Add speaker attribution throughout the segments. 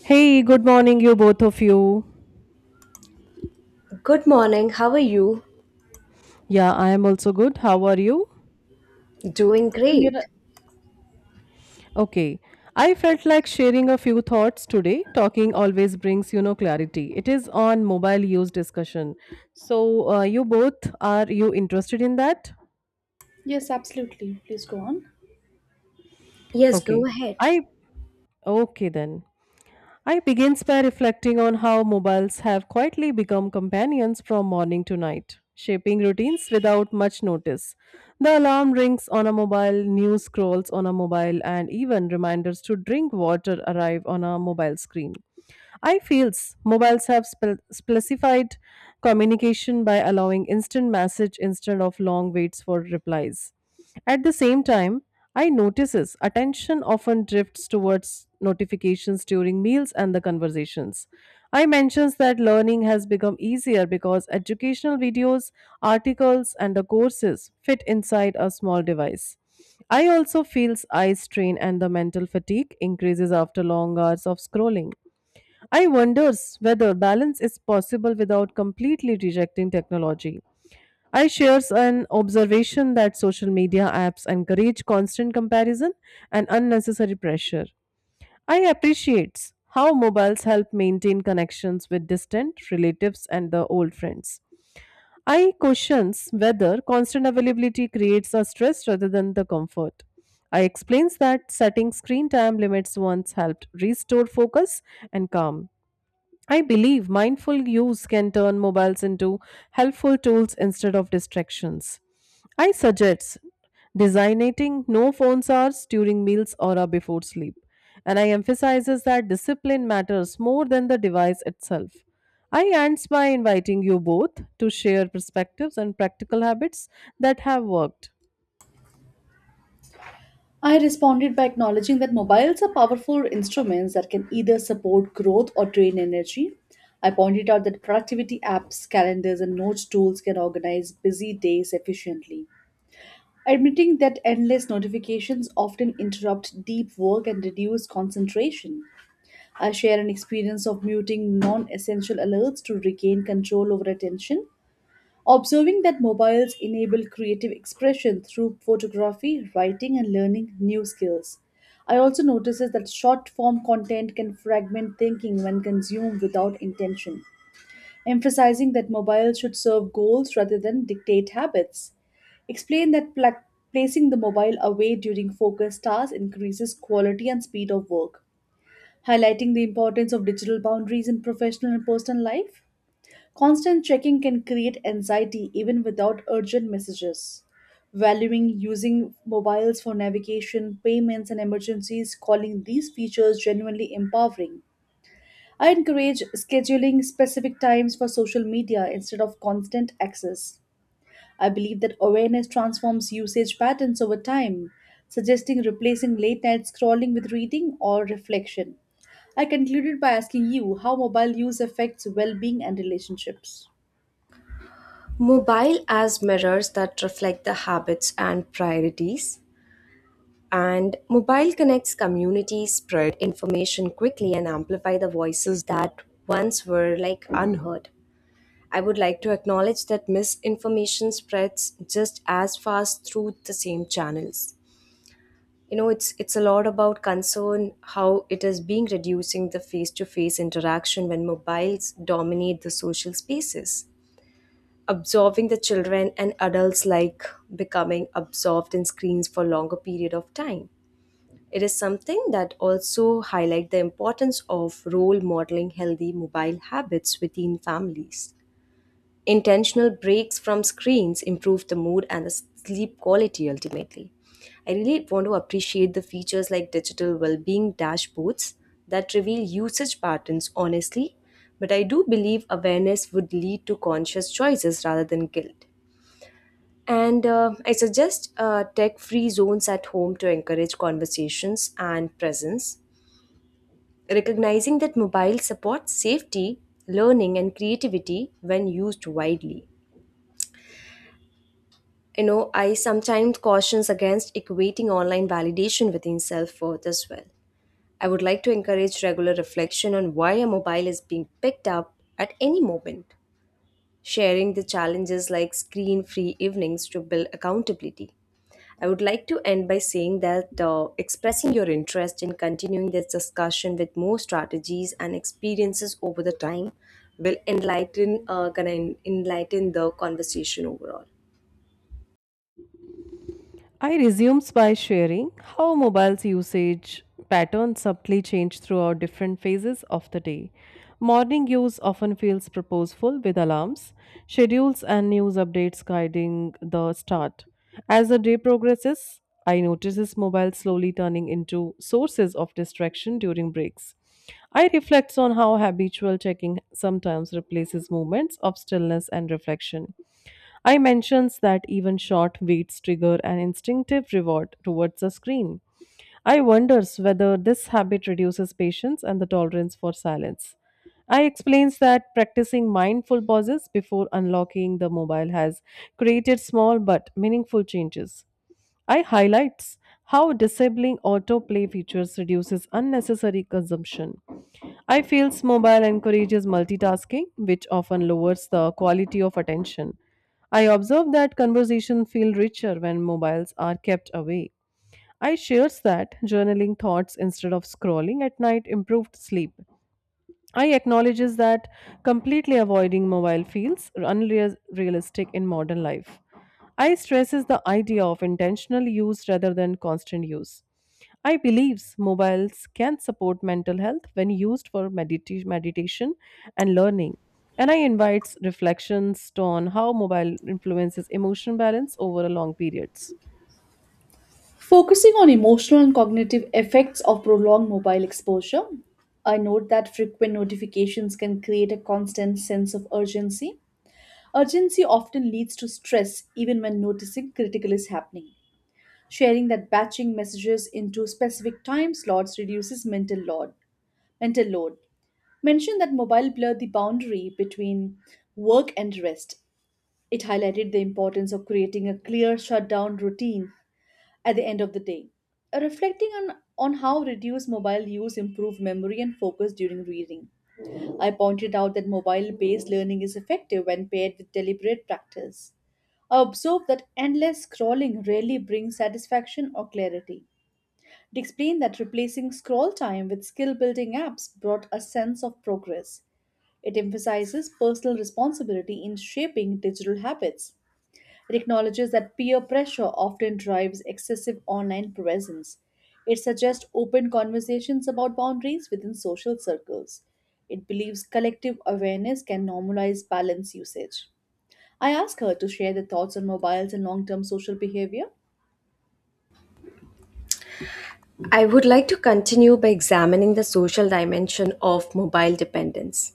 Speaker 1: Hey, good morning, you both of you.
Speaker 2: Good morning, how are you?
Speaker 1: Yeah, I am also good. How are you?
Speaker 2: Doing
Speaker 3: Amira-
Speaker 2: great.
Speaker 1: Okay. I felt like sharing a few thoughts today. Talking always brings, you know, clarity. It is on mobile use discussion. So, you both are you interested in that?
Speaker 3: Yes, absolutely. Please go on.
Speaker 2: Yes, go
Speaker 1: Okay.
Speaker 2: ahead.
Speaker 1: I okay then. I begins by reflecting on how mobiles have quietly become companions from morning to night, shaping routines without much notice. The alarm rings on a mobile, news scrolls on a mobile, and even reminders to drink water arrive on a mobile screen. I feels mobiles have specified communication by allowing instant message instead of long waits for replies. At the same time, I notices attention often drifts towards notifications during meals and the conversations. I mentions that learning has become easier because educational videos, articles and the courses fit inside a small device. I also feels eye strain and the mental fatigue increases after long hours of scrolling. I wonders whether balance is possible without completely rejecting technology. I shares an observation that social media apps encourage constant comparison and unnecessary pressure. I appreciate how mobiles help maintain connections with distant relatives and the old friends. I questions whether constant availability creates a stress rather than the comfort. I explains that setting screen time limits once helped restore focus and calm. I believe mindful use can turn mobiles into helpful tools instead of distractions. I suggest designating no phones hours during meals or before sleep. And I emphasizes that discipline matters more than the device itself. I ends by inviting you both to share perspectives and practical habits that have worked.
Speaker 3: I responded by acknowledging that mobiles are powerful instruments that can either support growth or drain energy. I pointed out that productivity apps, calendars, and notes tools can organize busy days efficiently. Admitting that endless notifications often interrupt deep work and reduce concentration. I share an experience of muting non essential alerts to regain control over attention. Observing that mobiles enable creative expression through photography, writing, and learning new skills. I also notices that short form content can fragment thinking when consumed without intention, emphasizing that mobiles should serve goals rather than dictate habits. Explain that placing the mobile away during focused tasks increases quality and speed of work, highlighting the importance of digital boundaries in professional and personal life. Constant checking can create anxiety even without urgent messages. Valuing using mobiles for navigation, payments, and emergencies, calling these features genuinely empowering. I encourage scheduling specific times for social media instead of constant access. I believe that awareness transforms usage patterns over time, suggesting replacing late night scrolling with reading or reflection. I concluded by asking you how mobile use affects well being and relationships.
Speaker 2: Mobile as mirrors that reflect the habits and priorities. And mobile connects communities, spread information quickly, and amplify the voices that once were like unheard. I would like to acknowledge that misinformation spreads just as fast through the same channels. It's a lot about concern how it is being reducing the face to face interaction when mobiles dominate the social spaces, absorbing the children and adults like becoming absorbed in screens for longer period of time. It is something that also highlight the importance of role modeling healthy mobile habits within families. Intentional breaks from screens improve the mood and the sleep quality ultimately. I really want to appreciate the features like digital well-being dashboards that reveal usage patterns honestly, but I do believe awareness would lead to conscious choices rather than guilt. And I suggest tech free zones at home to encourage conversations and presence, recognizing that mobile supports safety, learning, and creativity when used widely. You know, I sometimes cautions against equating online validation within self worth as well. I would like to encourage regular reflection on why a mobile is being picked up at any moment, sharing the challenges like screen free evenings to build accountability. I would like to end by saying that expressing your interest in continuing this discussion with more strategies and experiences over the time will enlighten enlighten the conversation overall.
Speaker 1: I resumes by sharing how mobile's usage patterns subtly change throughout different phases of the day. Morning use often feels purposeful with alarms, schedules, and news updates guiding the start. As the day progresses, I notices mobile slowly turning into sources of distraction during breaks. I reflects on how habitual checking sometimes replaces moments of stillness and reflection. I mentions that even short waits trigger an instinctive reward towards a screen. I wonders whether this habit reduces patience and the tolerance for silence. I explains that practicing mindful pauses before unlocking the mobile has created small but meaningful changes. I highlights how disabling autoplay features reduces unnecessary consumption. I feels mobile encourages multitasking, which often lowers the quality of attention. I observe that conversations feel richer when mobiles are kept away. I shares that journaling thoughts instead of scrolling at night improved sleep. I acknowledges that completely avoiding mobile feels unrealistic in modern life. I stresses the idea of intentional use rather than constant use. I believes mobiles can support mental health when used for meditation and learning. And I invites reflections on how mobile influences emotion balance over a long periods.
Speaker 3: Focusing on emotional and cognitive effects of prolonged mobile exposure, I note that frequent notifications can create a constant sense of urgency. Urgency often leads to stress, even when noticing critical is happening. Sharing that batching messages into specific time slots reduces mental load. Mental load. Mentioned that mobile blurred the boundary between work and rest. It highlighted the importance of creating a clear shutdown routine at the end of the day. Reflecting on how reduced mobile use improved memory and focus during reading. I pointed out that mobile based learning is effective when paired with deliberate practice. I observed that endless scrolling rarely brings satisfaction or clarity. It explained that replacing scroll time with skill building apps brought a sense of progress. It emphasizes personal responsibility in shaping digital habits. It acknowledges that peer pressure often drives excessive online presence. It suggests open conversations about boundaries within social circles. It believes collective awareness can normalize balance usage. I ask her to share the thoughts on mobiles and long term social behavior.
Speaker 2: I would like to continue by examining the social dimension of mobile dependence.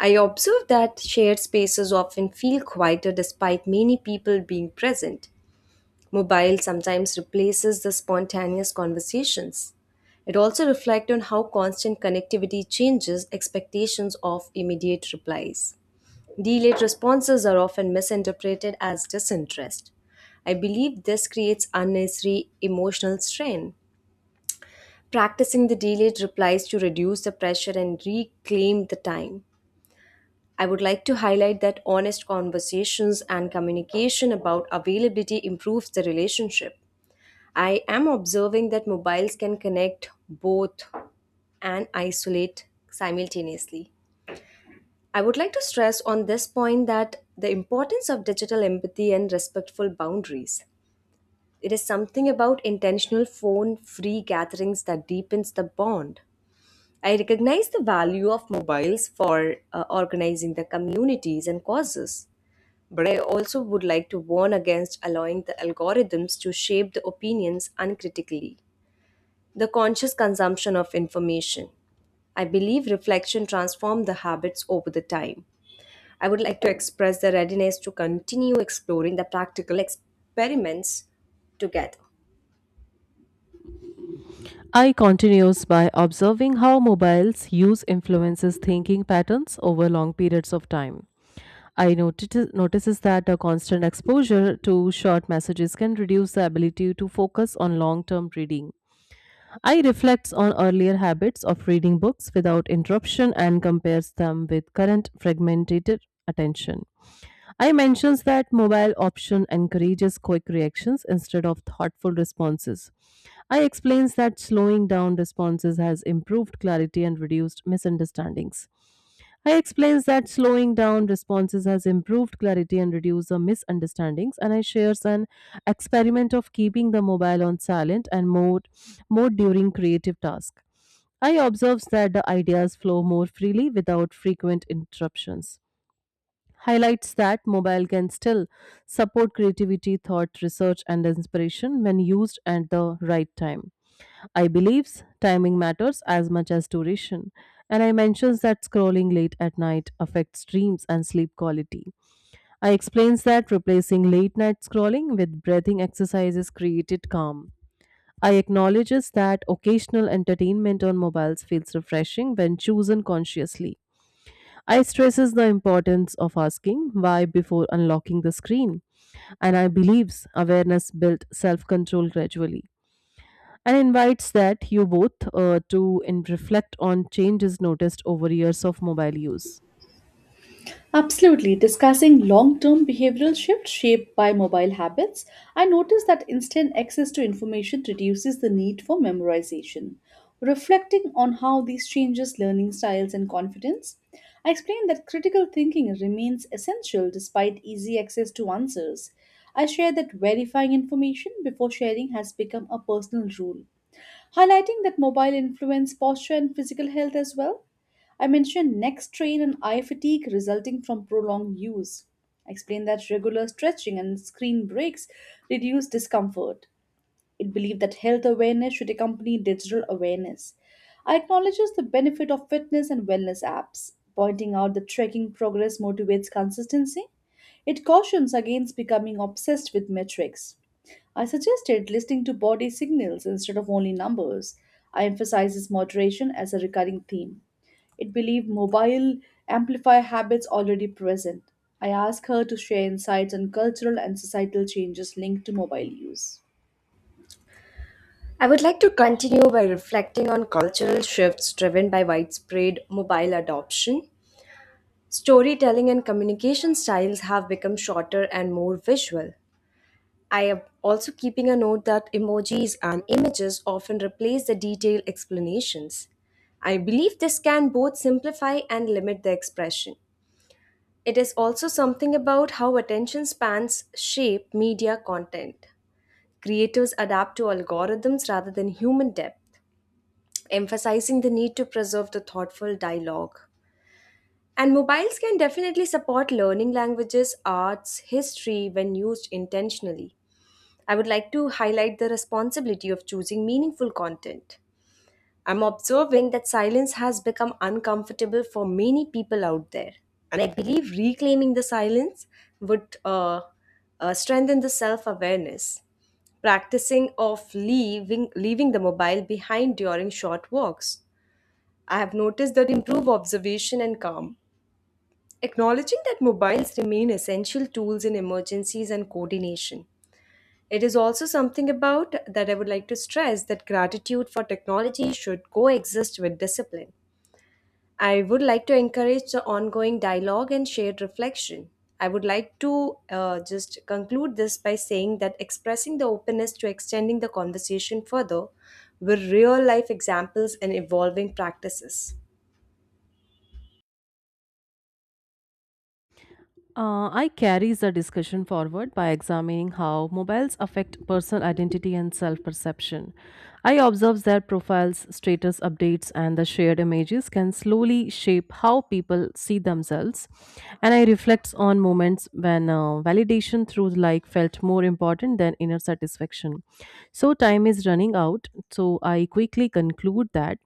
Speaker 2: I observe that shared spaces often feel quieter despite many people being present. Mobile sometimes replaces the spontaneous conversations. It also reflects on how constant connectivity changes expectations of immediate replies. Delayed responses are often misinterpreted as disinterest. I believe this creates unnecessary emotional strain. Practicing the delayed replies to reduce the pressure and reclaim the time. I would like to highlight that honest conversations and communication about availability improves the relationship. I am observing that mobiles can connect both and isolate simultaneously. I would like to stress on this point that the importance of digital empathy and respectful boundaries. It is something about intentional phone free gatherings that deepens the bond. I recognize the value of mobiles for organizing the communities and causes, but I also would like to warn against allowing the algorithms to shape the opinions uncritically. The conscious consumption of information. I believe reflection transforms the habits over the time. I would like to express the readiness to continue exploring the practical experiments together.
Speaker 1: I continues by observing how mobiles use influences thinking patterns over long periods of time. I noticed, notices that a constant exposure to short messages can reduce the ability to focus on long-term reading. I reflects on earlier habits of reading books without interruption and compares them with current fragmented attention. I mentions that mobile option encourages quick reactions instead of thoughtful responses. I explains that slowing down responses has improved clarity and reduced misunderstandings. I explains that slowing down responses has improved clarity and reduced the misunderstandings, and I shares an experiment of keeping the mobile on silent and mode during creative task. I observes that the ideas flow more freely without frequent interruptions. Highlights that mobile can still support creativity, thought, research, and inspiration when used at the right time. I believes timing matters as much as duration, and I mentions that scrolling late at night affects dreams and sleep quality. I explains that replacing late night scrolling with breathing exercises created calm. I acknowledges that occasional entertainment on mobiles feels refreshing when chosen consciously. I stresses the importance of asking why before unlocking the screen, and I believes awareness built self-control gradually and invites that you both to in reflect on changes noticed over years of mobile use.
Speaker 3: Absolutely. Discussing long term behavioral shifts shaped by mobile habits, I noticed that instant access to information reduces the need for memorization. Reflecting on how these changes learning styles and confidence, I explained that critical thinking remains essential despite easy access to answers. I shared that verifying information before sharing has become a personal rule, highlighting that mobile influence posture and physical health as well. I mentioned neck strain and eye fatigue resulting from prolonged use. I explained that regular stretching and screen breaks reduce discomfort. It believed that health awareness should accompany digital awareness. I acknowledges the benefit of fitness and wellness apps, pointing out that tracking progress motivates consistency. It cautions against becoming obsessed with metrics. I suggested listening to body signals instead of only numbers. I emphasizes moderation as a recurring theme. It believed mobile amplify habits already present. I asked her to share insights on cultural and societal changes linked to mobile use.
Speaker 2: I would like to continue by reflecting on cultural shifts driven by widespread mobile adoption. Storytelling and communication styles have become shorter and more visual. I am also keeping a note that emojis and images often replace the detailed explanations. I believe this can both simplify and limit the expression. It is also something about how attention spans shape media content. Creators adapt to algorithms rather than human depth, emphasizing the need to preserve the thoughtful dialogue. And mobiles can definitely support learning languages, arts, history when used intentionally. I would like to highlight the responsibility of choosing meaningful content. I'm observing that silence has become uncomfortable for many people out there. And I believe reclaiming the silence would strengthen the self awareness. Practicing of leaving the mobile behind during short walks. I have noticed that improve observation and calm. Acknowledging that mobiles remain essential tools in emergencies and coordination. It is also something about that I would like to stress that gratitude for technology should coexist with discipline. I would like to encourage the ongoing dialogue and shared reflection. I would like to just conclude this by saying that expressing the openness to extending the conversation further with real life examples and evolving practices.
Speaker 1: I carries the discussion forward by examining how mobiles affect personal identity and self-perception. I observe that profiles, status updates, and the shared images can slowly shape how people see themselves. And I reflect on moments when validation through like felt more important than inner satisfaction. So time is running out. So I quickly conclude that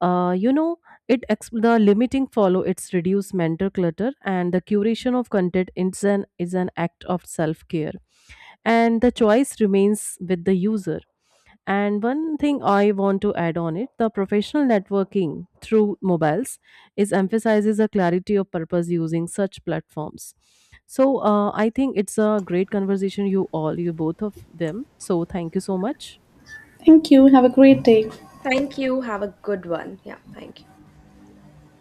Speaker 1: uh, you know the limiting follow it's reduce mental clutter, and the curation of content is an act of self care, and the choice remains with the user, and one thing I want to add on it, the professional networking through mobiles is emphasizes the clarity of purpose using such platforms. So I think it's a great conversation, you both of them, so thank you so much.
Speaker 3: Thank you. Have a great day.
Speaker 2: Thank you. Have a good one. Yeah, thank you.